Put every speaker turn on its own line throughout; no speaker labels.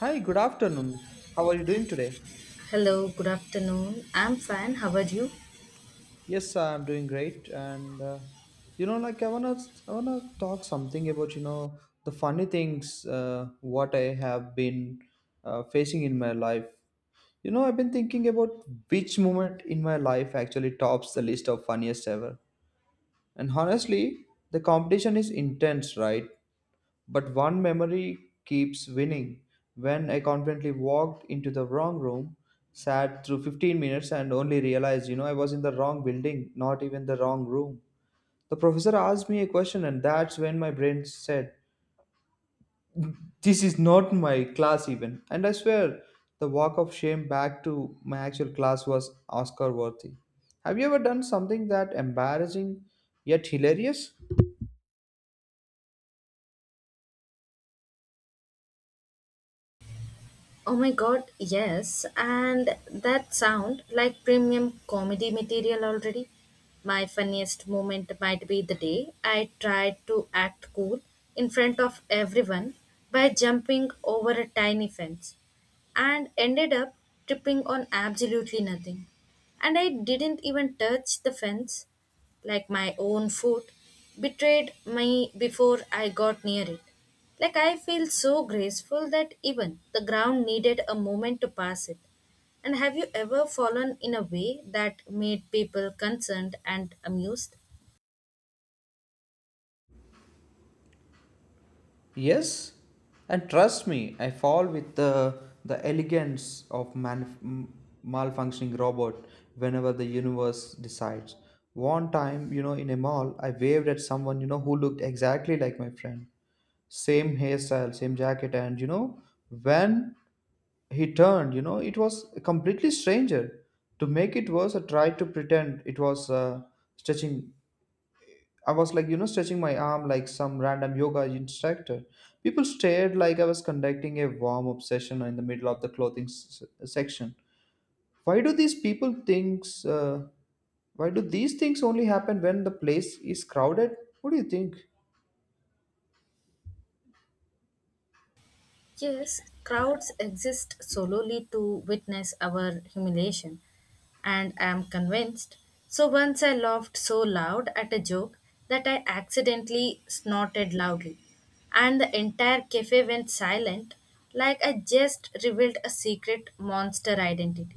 Hi, good afternoon. How are you doing today?
Hello, good afternoon. I'm fine. How are you?
Yes, I'm doing great. And you know, like I wanna talk something about the funny things what I have been facing in my life. You know, I've been thinking about which moment in my life actually tops the list of funniest ever. And honestly, the competition is intense, right? But one memory keeps winning. When I confidently walked into the wrong room, sat through 15 minutes, and only realized, you know, I was in the wrong building, not even the wrong room. The professor asked me a question, and that's when my brain said, this is not my class, even. And I swear, the walk of shame back to my actual class was Oscar worthy. Have you ever done something that embarrassing yet hilarious?
Oh my god, yes. And that sound like premium comedy material already. My funniest moment might be the day I tried to act cool in front of everyone by jumping over a tiny fence and ended up tripping on absolutely nothing. And I didn't even touch the fence, like my own foot betrayed me before I got near it. Like I feel so graceful that even the ground needed a moment to pass it. And have you ever fallen in a way that made people concerned and amused?
Yes, and trust me, I fall with the elegance of malfunctioning robot whenever the universe decides. One time, you know, in a mall, I waved at someone, you know, who looked exactly like my friend. Same hairstyle, same jacket, and you know, when he turned, you know, it was a completely stranger. To make it worse, I tried to pretend it was stretching. I was like, you know, stretching my arm like some random yoga instructor. People stared like I was conducting a warm up session in the middle of the section. Why do these people thinks? Why do these things only happen when the place is crowded? What do you think?
Yes, crowds exist solely to witness our humiliation, and I am convinced. So once I laughed so loud at a joke that I accidentally snorted loudly, and the entire cafe went silent like I just revealed a secret monster identity.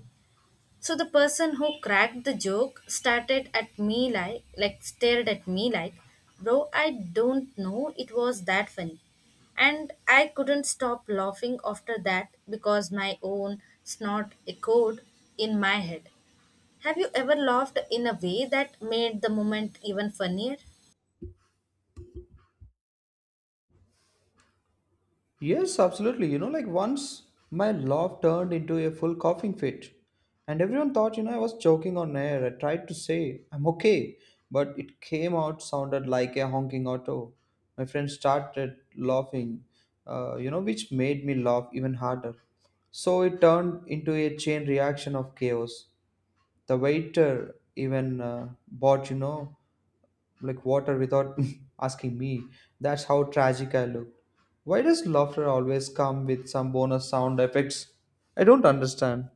So the person who cracked the joke started at me like stared at me like, "Bro, I don't know it was that funny." And I couldn't stop laughing after that because my own snort echoed in my head. Have you ever laughed in a way that made the moment even funnier?
Yes, absolutely. You know, like once my laugh turned into a full coughing fit, and everyone thought, you know, I was choking on air. I tried to say, I'm okay, but it came out sounded like a honking auto. My friend started laughing, you know, which made me laugh even harder. So it turned into a chain reaction of chaos. The waiter even bought, you know, like water without asking me. That's how tragic I look. Why does laughter always come with some bonus sound effects? I don't understand.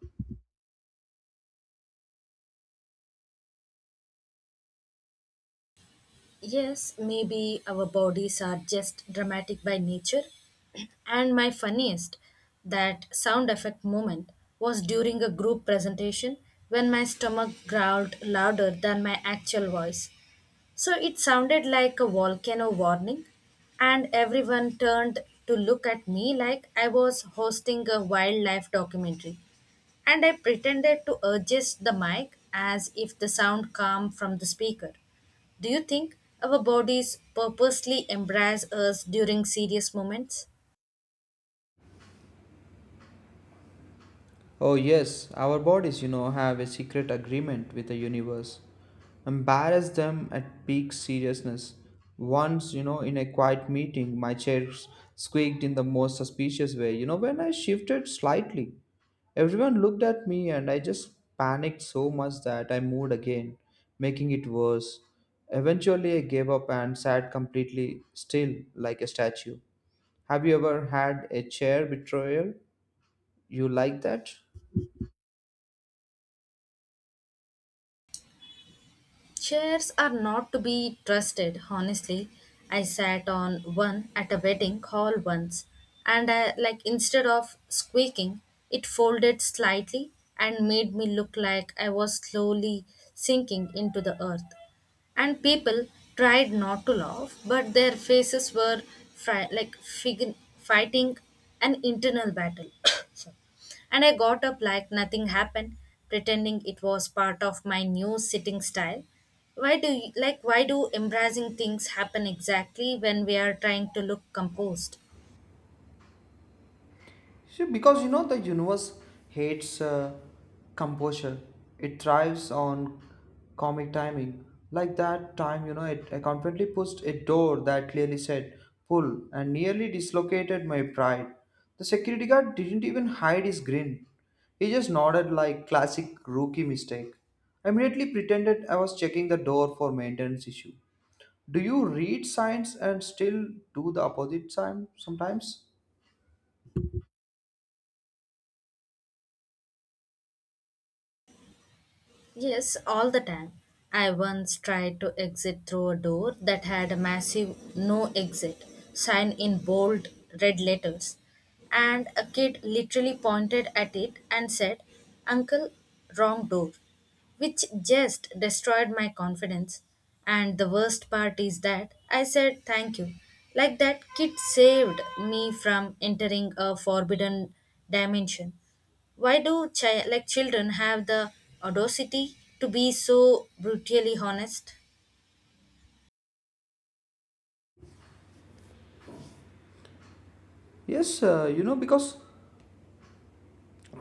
Yes, maybe our bodies are just dramatic by nature. And my funniest, that sound effect moment was during a group presentation when my stomach growled louder than my actual voice. So it sounded like a volcano warning, and everyone turned to look at me like I was hosting a wildlife documentary. And I pretended to adjust the mic as if the sound came from the speaker. Do you think our bodies purposely embrace us during serious moments?
Oh, yes, our bodies, you know, have a secret agreement with the universe. Embarrass them at peak seriousness. Once, you know, in a quiet meeting, my chair squeaked in the most suspicious way. You know, when I shifted slightly, everyone looked at me and I just panicked so much that I moved again, making it worse. Eventually, I gave up and sat completely still like a statue. Have you ever had a chair betrayal? You like that?
Chairs are not to be trusted, honestly. I sat on one at a wedding hall once, and I, like instead of squeaking, it folded slightly and made me look like I was slowly sinking into the earth. And people tried not to laugh, but their faces were fighting an internal battle. Sorry. And I got up like nothing happened, pretending it was part of my new sitting style. Like why do embarrassing things happen exactly when we are trying to look composed?
So, because you know the universe hates composure, it thrives on comic timing. Like that time, I confidently pushed a door that clearly said pull and nearly dislocated my pride. The security guard didn't even hide his grin. He just nodded like classic rookie mistake. I immediately pretended I was checking the door for maintenance issue. Do you read signs and still do the opposite sign sometimes?
Yes, all the time. I once tried to exit through a door that had a massive no exit sign in bold red letters. And a kid literally pointed at it and said, "Uncle, wrong door," which just destroyed my confidence. And the worst part is that I said thank you. Like that, kid saved me from entering a forbidden dimension. Why do children have the audacity to be so brutally honest?
Yes, you know, because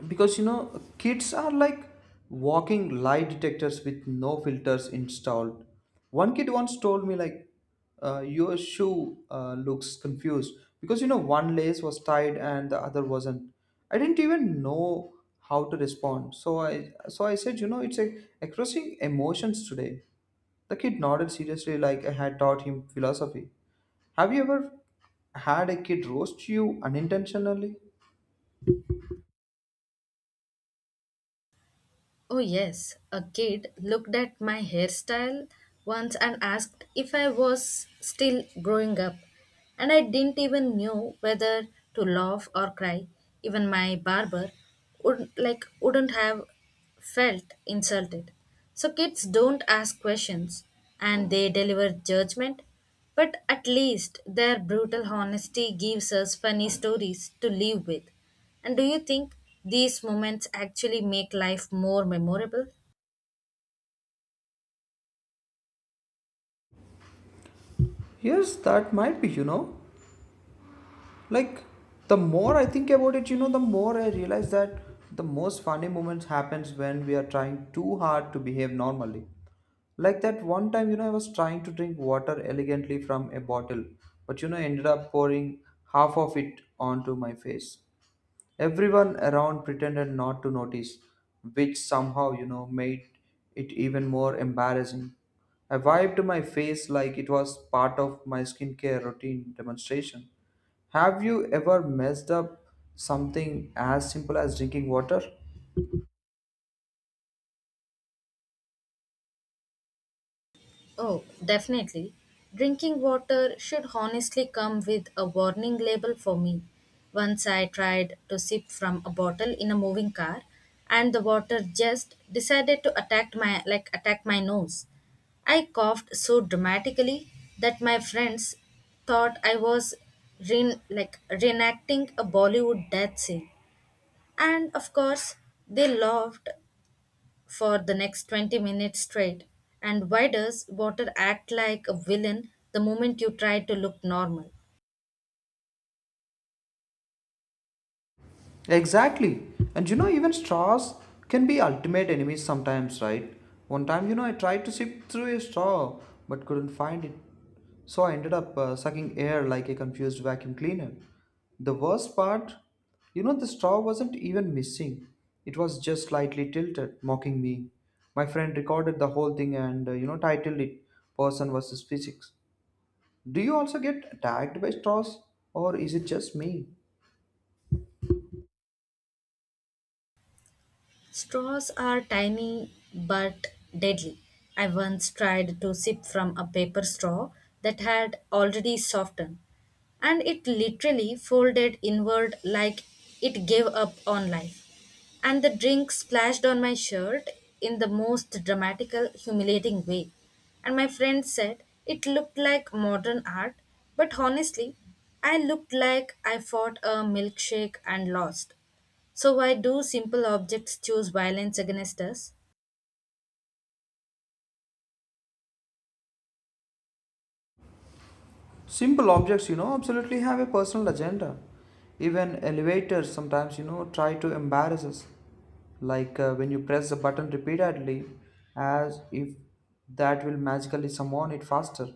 because you know kids are like walking lie detectors with no filters installed. One kid once told me like, your shoe looks confused because you know one lace was tied and the other wasn't. I didn't even know how to respond, so I said, you know, it's like expressing emotions today. The kid nodded seriously like I had taught him philosophy. Have you ever had a kid roast you unintentionally?
Oh, yes, a kid looked at my hairstyle once and asked if I was still growing up, and I didn't even know whether to laugh or cry. Even my barber wouldn't have felt insulted. So kids don't ask questions and they deliver judgment. But at least their brutal honesty gives us funny stories to live with. And do you think these moments actually make life more memorable?
Yes, that might be, you know, like the more I think about it, you know, the more I realize that the most funny moments happens when we are trying too hard to behave normally. Like that one time, you know, I was trying to drink water elegantly from a bottle but, you know, ended up pouring half of it onto my face. Everyone around pretended not to notice, which somehow, you know, made it even more embarrassing. I wiped my face like it was part of my skincare routine demonstration. Have you ever messed up something as simple as drinking water?
Oh, definitely. Drinking water should honestly come with a warning label for me. Once I tried to sip from a bottle in a moving car and the water just decided to attack my nose. I coughed so dramatically that my friends thought I was reenacting a Bollywood death scene. And of course, they laughed for the next 20 minutes straight. And why does water act like a villain the moment you try to look normal?
Exactly. And you know, even straws can be ultimate enemies sometimes, right? One time, you know, I tried to sip through a straw but couldn't find it. So I ended up sucking air like a confused vacuum cleaner. The worst part, you know, the straw wasn't even missing. It was just slightly tilted, mocking me. My friend recorded the whole thing and, you know, titled it Person versus Physics. Do you also get attacked by straws or is it just me?
Straws are tiny but deadly. I once tried to sip from a paper straw that had already softened, and it literally folded inward like it gave up on life. And the drink splashed on my shirt in the most dramatical, humiliating way. And my friend said it looked like modern art, but honestly, I looked like I fought a milkshake and lost. So, why do simple objects choose violence against us?
Simple objects, you know, absolutely have a personal agenda. Even elevators sometimes, you know, try to embarrass us. Like when you press the button repeatedly, as if that will magically summon it faster.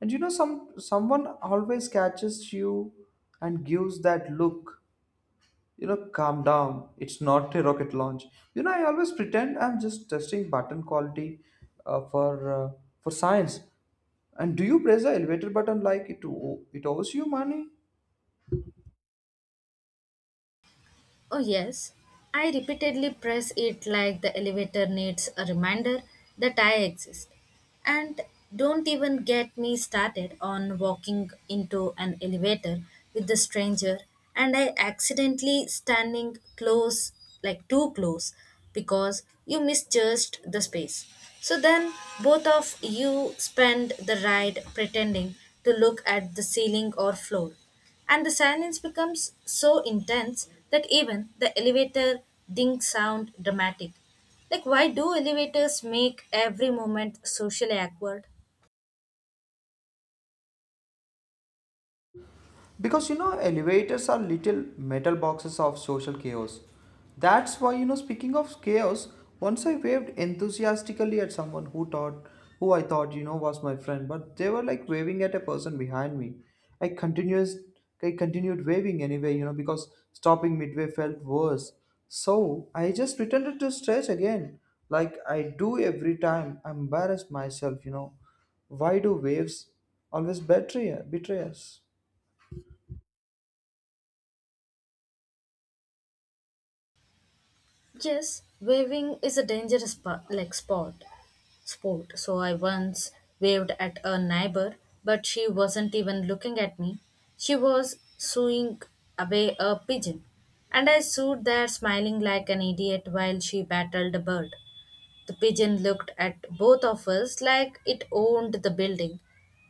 And you know, someone always catches you and gives that look. You know, calm down. It's not a rocket launch. You know, I always pretend I'm just testing button quality uh, for uh, for science. And do you press the elevator button like it owes you money?
Oh, yes. I repeatedly press it like the elevator needs a reminder that I exist. And don't even get me started on walking into an elevator with a stranger and I accidentally standing close, like too close, because you misjudged the space. So then both of you spend the ride pretending to look at the ceiling or floor and the silence becomes so intense that even the elevator ding sound dramatic. Like why do elevators make every moment socially awkward?
Because you know, elevators are little metal boxes of social chaos. That's why, you know, speaking of chaos, once I waved enthusiastically at someone who I thought, you know, was my friend, but they were like waving at a person behind me. I continuous, I continued waving anyway, you know, because stopping midway felt worse. So I just returned to stretch again, like I do every time. I embarrassed myself, you know. Why do waves always betray us?
Yes, waving is a dangerous sport. Sport. So I once waved at a neighbor, but she wasn't even looking at me. She was sewing away a pigeon, and I stood there smiling like an idiot while she battled a bird. The pigeon looked at both of us like it owned the building.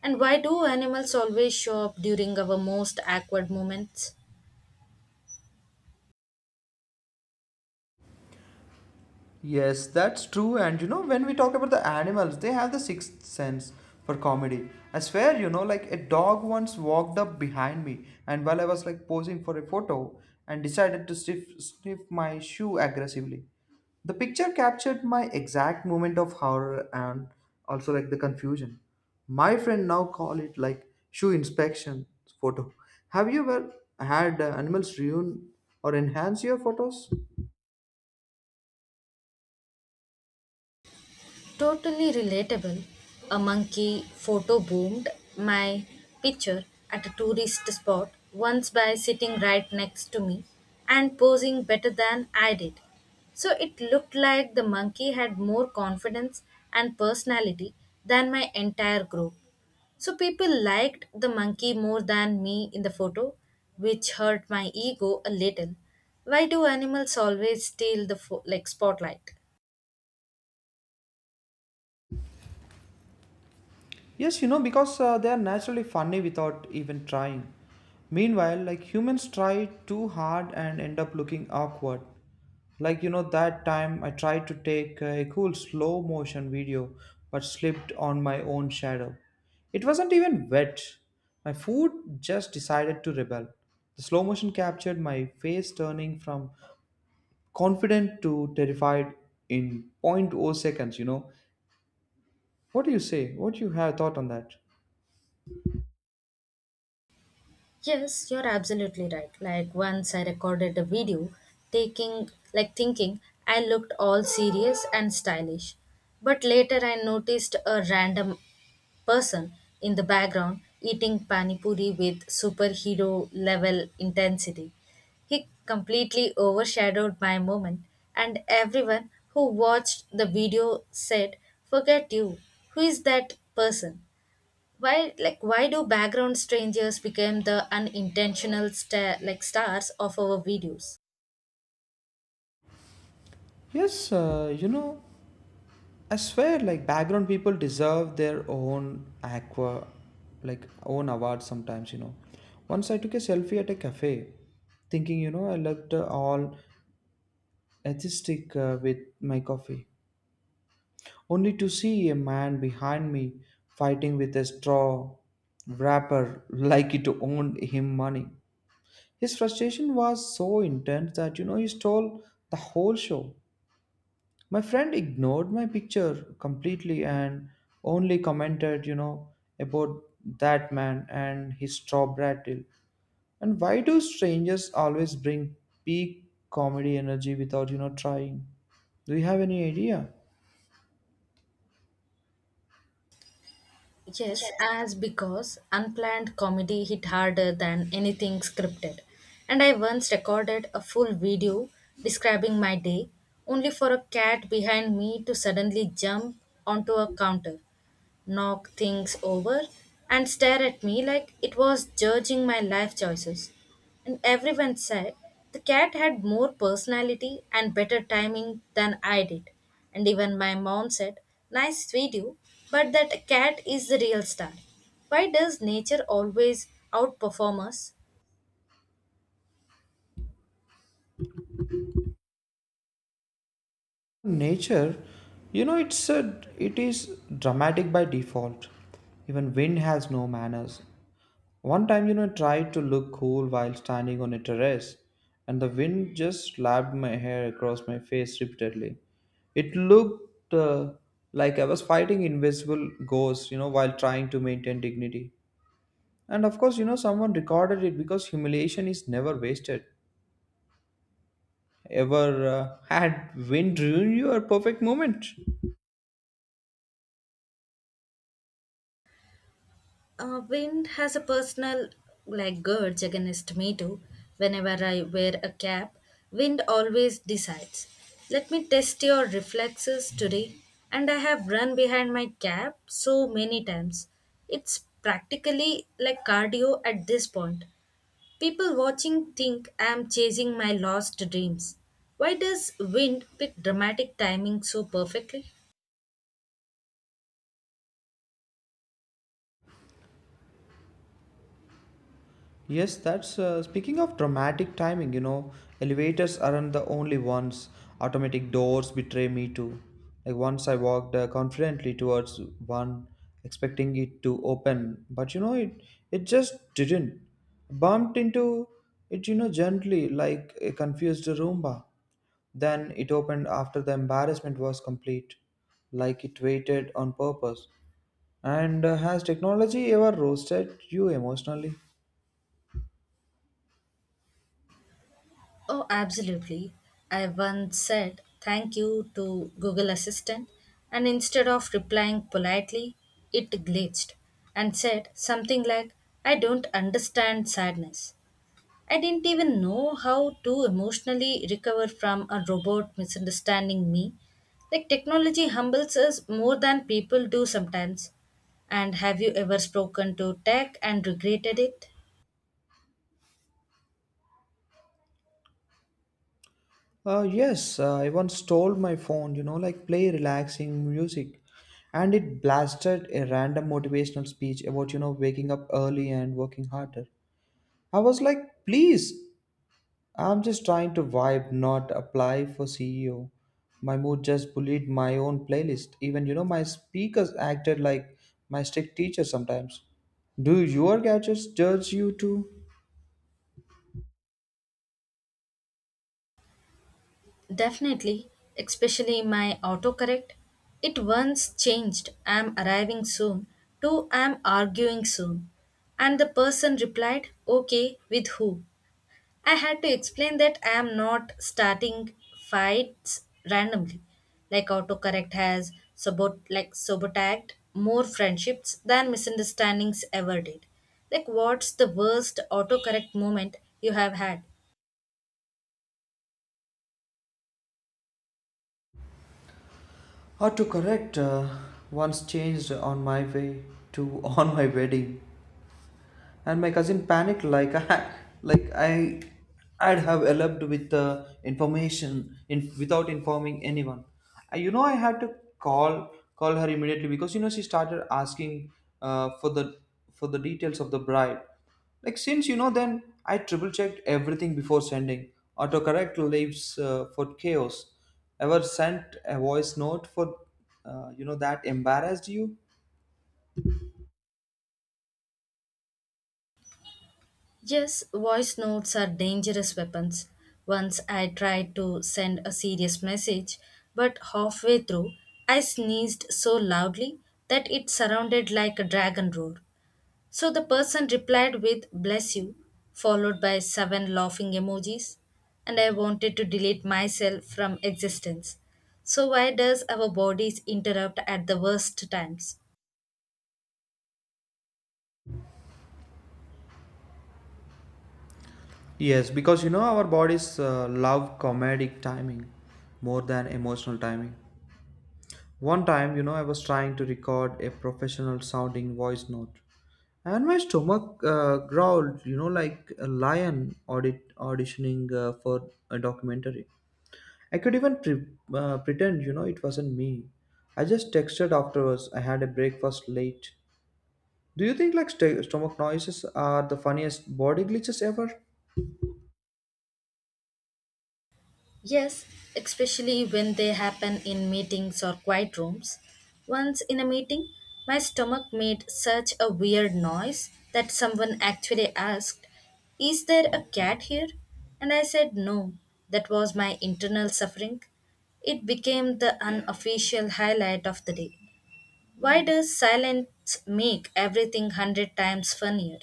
And why do animals always show up during our most awkward moments?
Yes, that's true. And you know, when we talk about the animals, they have the sixth sense for comedy. I swear, you know, like a dog once walked up behind me, and while I was like posing for a photo, and decided to sniff my shoe aggressively. The picture captured my exact moment of horror and also like the confusion. My friend now call it like shoe inspection photo. Have you ever had animals ruin or enhance your photos?
Totally relatable. A monkey photo boomed my picture at a tourist spot once by sitting right next to me and posing better than I did. So it looked like the monkey had more confidence and personality than my entire group. So people liked the monkey more than me in the photo, which hurt my ego a little. Why do animals always steal the spotlight?
Yes, you know, because they are naturally funny without even trying. Meanwhile, like humans try too hard and end up looking awkward. Like, you know, that time I tried to take a cool slow motion video but slipped on my own shadow. It wasn't even wet. My food just decided to rebel. The slow motion captured my face turning from confident to terrified in point 0.0 seconds, you know. What do you say? What do you have thought on that?
Yes, you're absolutely right. Like once I recorded a video taking like thinking I looked all serious and stylish. But later I noticed a random person in the background eating panipuri with superhero level intensity. He completely overshadowed my moment, and everyone who watched the video said, "Forget you. Who is that person?" Why, like, why do background strangers become the unintentional star, like stars of our videos?
Yes, you know, I swear, like background people deserve their own aqua, like own awards sometimes. You know, once I took a selfie at a cafe, thinking you know I looked all atheistic with my coffee, only to see a man behind me fighting with a straw wrapper like it owned him money. His frustration was so intense that you know he stole the whole show. My friend ignored my picture completely and only commented, you know, about that man and his straw rattle. And why do strangers always bring peak comedy energy without, you know, trying? Do you have any idea?
Yes, as because unplanned comedy hit harder than anything scripted. And I once recorded a full video describing my day, only for a cat behind me to suddenly jump onto a counter, knock things over, and stare at me like it was judging my life choices. And everyone said the cat had more personality and better timing than I did. And even my mom said, "Nice video, but that cat is the real star." Why does nature always outperform us?
Nature, you know, it is dramatic by default. Even wind has no manners. One time, you know, I tried to look cool while standing on a terrace, and the wind just slapped my hair across my face repeatedly. It looked like I was fighting invisible ghosts, you know, while trying to maintain dignity. And of course, you know, someone recorded it because humiliation is never wasted. Ever had wind ruin your perfect moment?
Wind has a personal like grudge against me too. Whenever I wear a cap, wind always decides. Let me test your reflexes today. And I have run behind my cap so many times. It's practically like cardio at this point. People watching think I am chasing my lost dreams. Why does wind pick dramatic timing so perfectly?
Yes, that's speaking of dramatic timing, you know, elevators aren't the only ones. Automatic doors betray me too. Like once I walked confidently towards one, expecting it to open, but you know, it just didn't. Bumped into it, you know, gently like a confused Roomba. Then it opened after the embarrassment was complete, like it waited on purpose. And has technology ever roasted you emotionally?
Oh, absolutely. I once said thank you to Google Assistant, and instead of replying politely, it glitched and said something like, "I don't understand sadness." I didn't even know how to emotionally recover from a robot misunderstanding me. Like, technology humbles us more than people do sometimes. And have you ever spoken to tech and regretted it?
Yes, I once stole my phone, you know, like play relaxing music, and it blasted a random motivational speech about, you know, waking up early and working harder. I was like, please, I'm just trying to vibe, not apply for CEO. My mood just bullied my own playlist. Even, you know, my speakers acted like my strict teacher sometimes. Do your gadgets judge you too?
Definitely, especially my autocorrect. It once changed I'm arriving soon to I'm arguing soon. And the person replied, okay, with who? I had to explain that I am not starting fights randomly. Like autocorrect has sabotaged more friendships than misunderstandings ever did. Like what's the worst autocorrect moment you have had?
How to correct once changed on my way to on my wedding. And my cousin panicked like like I, I'd have eloped with the information without informing anyone. I, you know, I had to call her immediately because you know she started asking for the details of the bride. Like since you know, then I triple checked everything before sending. Autocorrect leaves for chaos. Ever sent a voice note for you know that embarrassed you?
Yes, voice notes are dangerous weapons. Once I tried to send a serious message, but halfway through, I sneezed so loudly that it sounded like a dragon roar. So the person replied with bless you, followed by seven laughing emojis, and I wanted to delete myself from existence. So why does our bodies interrupt at the worst times?
Yes, because you know our bodies love comedic timing more than emotional timing. One time, you know, I was trying to record a professional sounding voice note, and my stomach growled, you know, like a lion auditioning for a documentary. I could even pretend, you know, it wasn't me. I just texted afterwards. I had a breakfast late. Do you think like stomach noises are the funniest body glitches ever?
Yes, especially when they happen in meetings or quiet rooms. Once in a meeting, my stomach made such a weird noise that someone actually asked, "Is there a cat here?" And I said no. That was my internal suffering. It became the unofficial highlight of the day. Why does silence make everything hundred times funnier?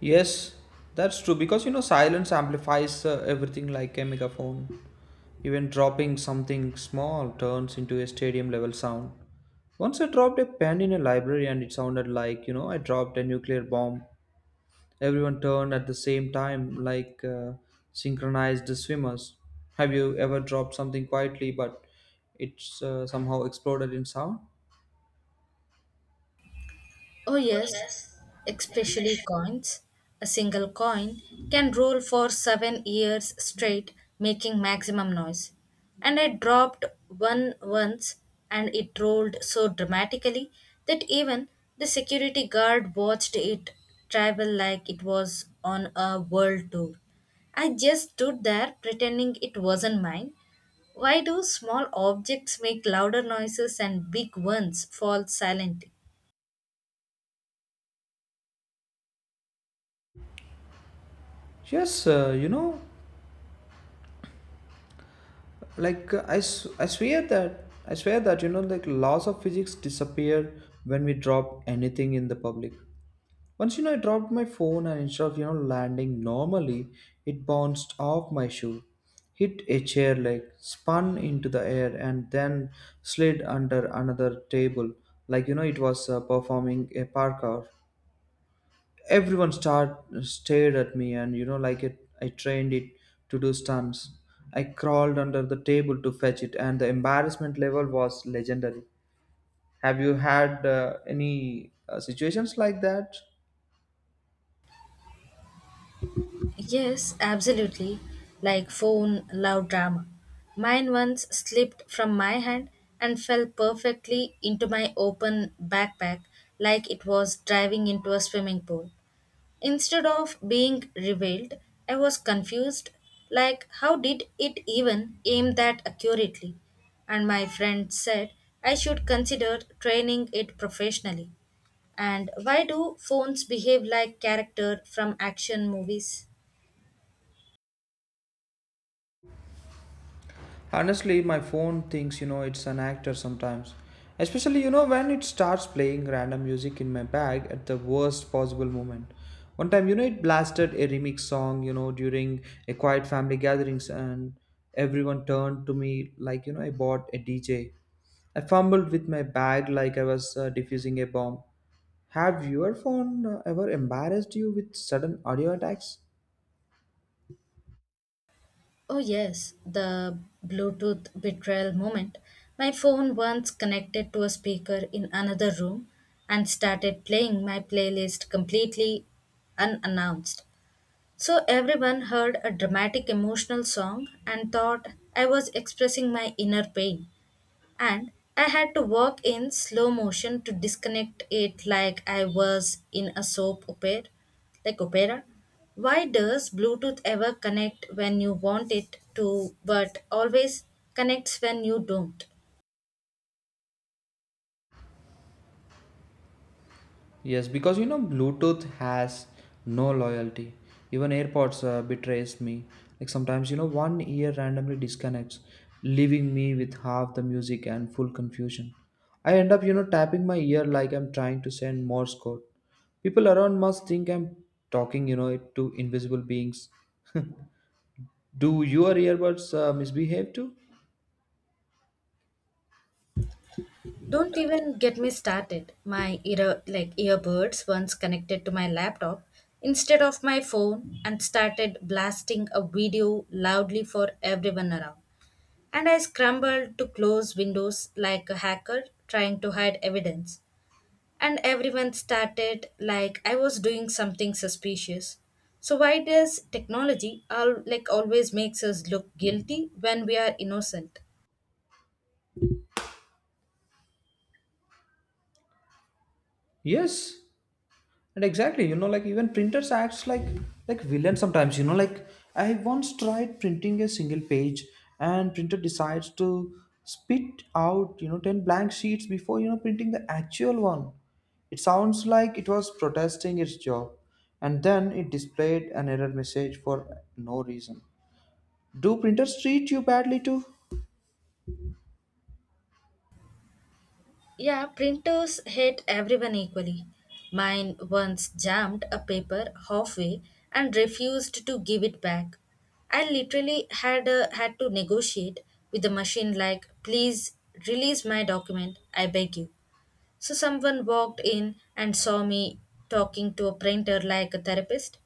Yes, that's true because you know silence amplifies everything like a megaphone. Even dropping something small turns into a stadium level sound. Once I dropped a pen in a library and it sounded like, you know, I dropped a nuclear bomb. Everyone turned at the same time like synchronized swimmers. Have you ever dropped something quietly but it's somehow exploded in sound?
Oh,
Oh,
yes,
yes.
especially coins. A single coin can roll for 7 years straight, making maximum noise. And I dropped one once, and it rolled so dramatically that even the security guard watched it travel like it was on a world tour. I just stood there pretending it wasn't mine. Why do small objects make louder noises and big ones fall silent?
Yes, you know, like I swear that you know like laws of physics disappear when we drop anything in the public. Once, you know, I dropped my phone, and instead of, you know, landing normally, it bounced off my shoe, hit a chair leg, spun into the air, and then slid under another table like, you know, it was performing a parkour. Everyone start stared at me, and you know, like it I trained it to do stunts. I crawled under the table to fetch it, and the embarrassment level was legendary. Have you had any situations like that?
Yes, absolutely. Like phone love drama. Mine once slipped from my hand and fell perfectly into my open backpack like it was driving into a swimming pool. Instead of being revealed, I was confused like how did it even aim that accurately? And my friend said I should consider training it professionally. And why do phones behave like character from action movies?
Honestly, my phone thinks you know it's an actor sometimes. Especially, you know, when it starts playing random music in my bag at the worst possible moment. One time, you know, it blasted a remix song, you know, during a quiet family gatherings, and everyone turned to me like, you know, I bought a DJ. I fumbled with my bag like I was defusing a bomb. Have your phone ever embarrassed you with sudden audio attacks?
Oh, yes, the Bluetooth betrayal moment. My phone once connected to a speaker in another room and started playing my playlist completely unannounced. So everyone heard a dramatic emotional song and thought I was expressing my inner pain and I had to walk in slow motion to disconnect it like I was in a soap opera like opera. Why does Bluetooth ever connect when you want it to but always connects when you don't?
Yes, because you know Bluetooth has no loyalty. Even AirPods betrays me. Like sometimes you know one ear randomly disconnects, leaving me with half the music and full confusion. I end up you know tapping my ear like I'm trying to send Morse code. People around must think I'm talking you know to invisible beings. Do your earbuds misbehave too?
Don't even get me started. My earbuds once connected to my laptop instead of my phone and started blasting a video loudly for everyone around, and I scrambled to close windows like a hacker trying to hide evidence. And everyone started like I was doing something suspicious. So why does technology always makes us look guilty when we are innocent?
Yes, and exactly, you know, like even printers acts like villain sometimes. You know, like I once tried printing a single page, and printer decides to spit out you know ten blank sheets before you know printing the actual one. It sounds like it was protesting its job, and then it displayed an error message for no reason. Do printers treat you badly too?
Yeah, printers hate everyone equally. Mine once jammed a paper halfway and refused to give it back. I literally had to negotiate with the machine like, "Please release my document, I beg you." So someone walked in and saw me talking to a printer like a therapist.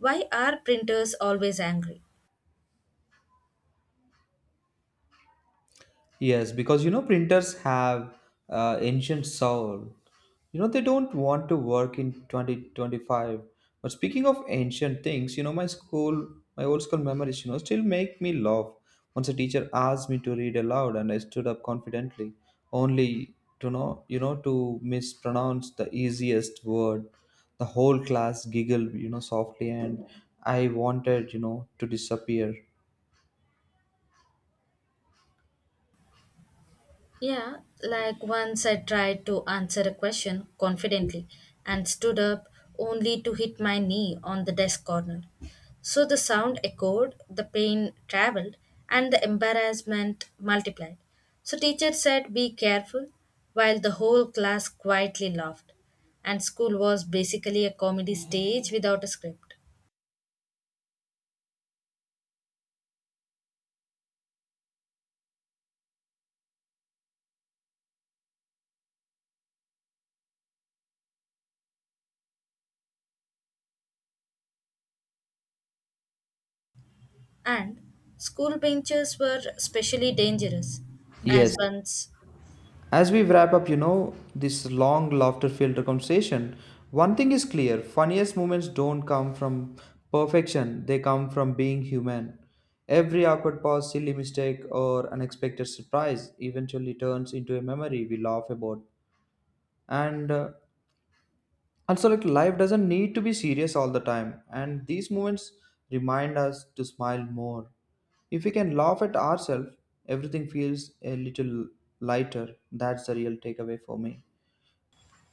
Why are printers always angry?
Yes, because you know printers have ancient soul. You know they don't want to work in 2025. But speaking of ancient things, you know my school, my old school memories, you know, still make me laugh. Once a teacher asked me to read aloud, and I stood up confidently, only to know, you know, to mispronounce the easiest word. The whole class giggled, you know, softly, and I wanted, you know, to disappear.
Yeah, like once I tried to answer a question confidently and stood up only to hit my knee on the desk corner. So the sound echoed, the pain traveled, and the embarrassment multiplied. So teacher said, "Be careful," while the whole class quietly laughed. And school was basically a comedy stage without a script. And school benches were especially dangerous, as
Yes,
once
as we wrap up, you know, this long laughter filled conversation, one thing is clear funniest moments don't come from perfection, they come from being human. Every awkward pause, silly mistake, or unexpected surprise eventually turns into a memory we laugh about. And also, like, life doesn't need to be serious all the time, and these moments remind us to smile more. If we can laugh at ourselves, everything feels a little lighter. That's the real takeaway for me.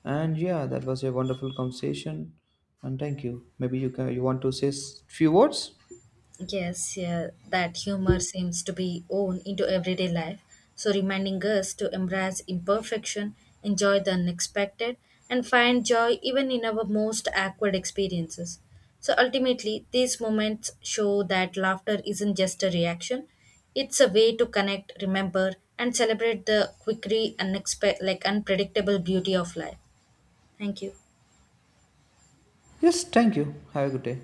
And yeah, that was a wonderful conversation. And thank you. Maybe you want to say few words?
Yes, yeah, that humor seems to be woven into everyday life, so reminding us to embrace imperfection, enjoy the unexpected, and find joy even in our most awkward experiences. So ultimately, these moments show that laughter isn't just a reaction, it's a way to connect, remember, and celebrate the quickly unexpected, like unpredictable beauty of life. Thank you.
Yes, thank you. Have a good day.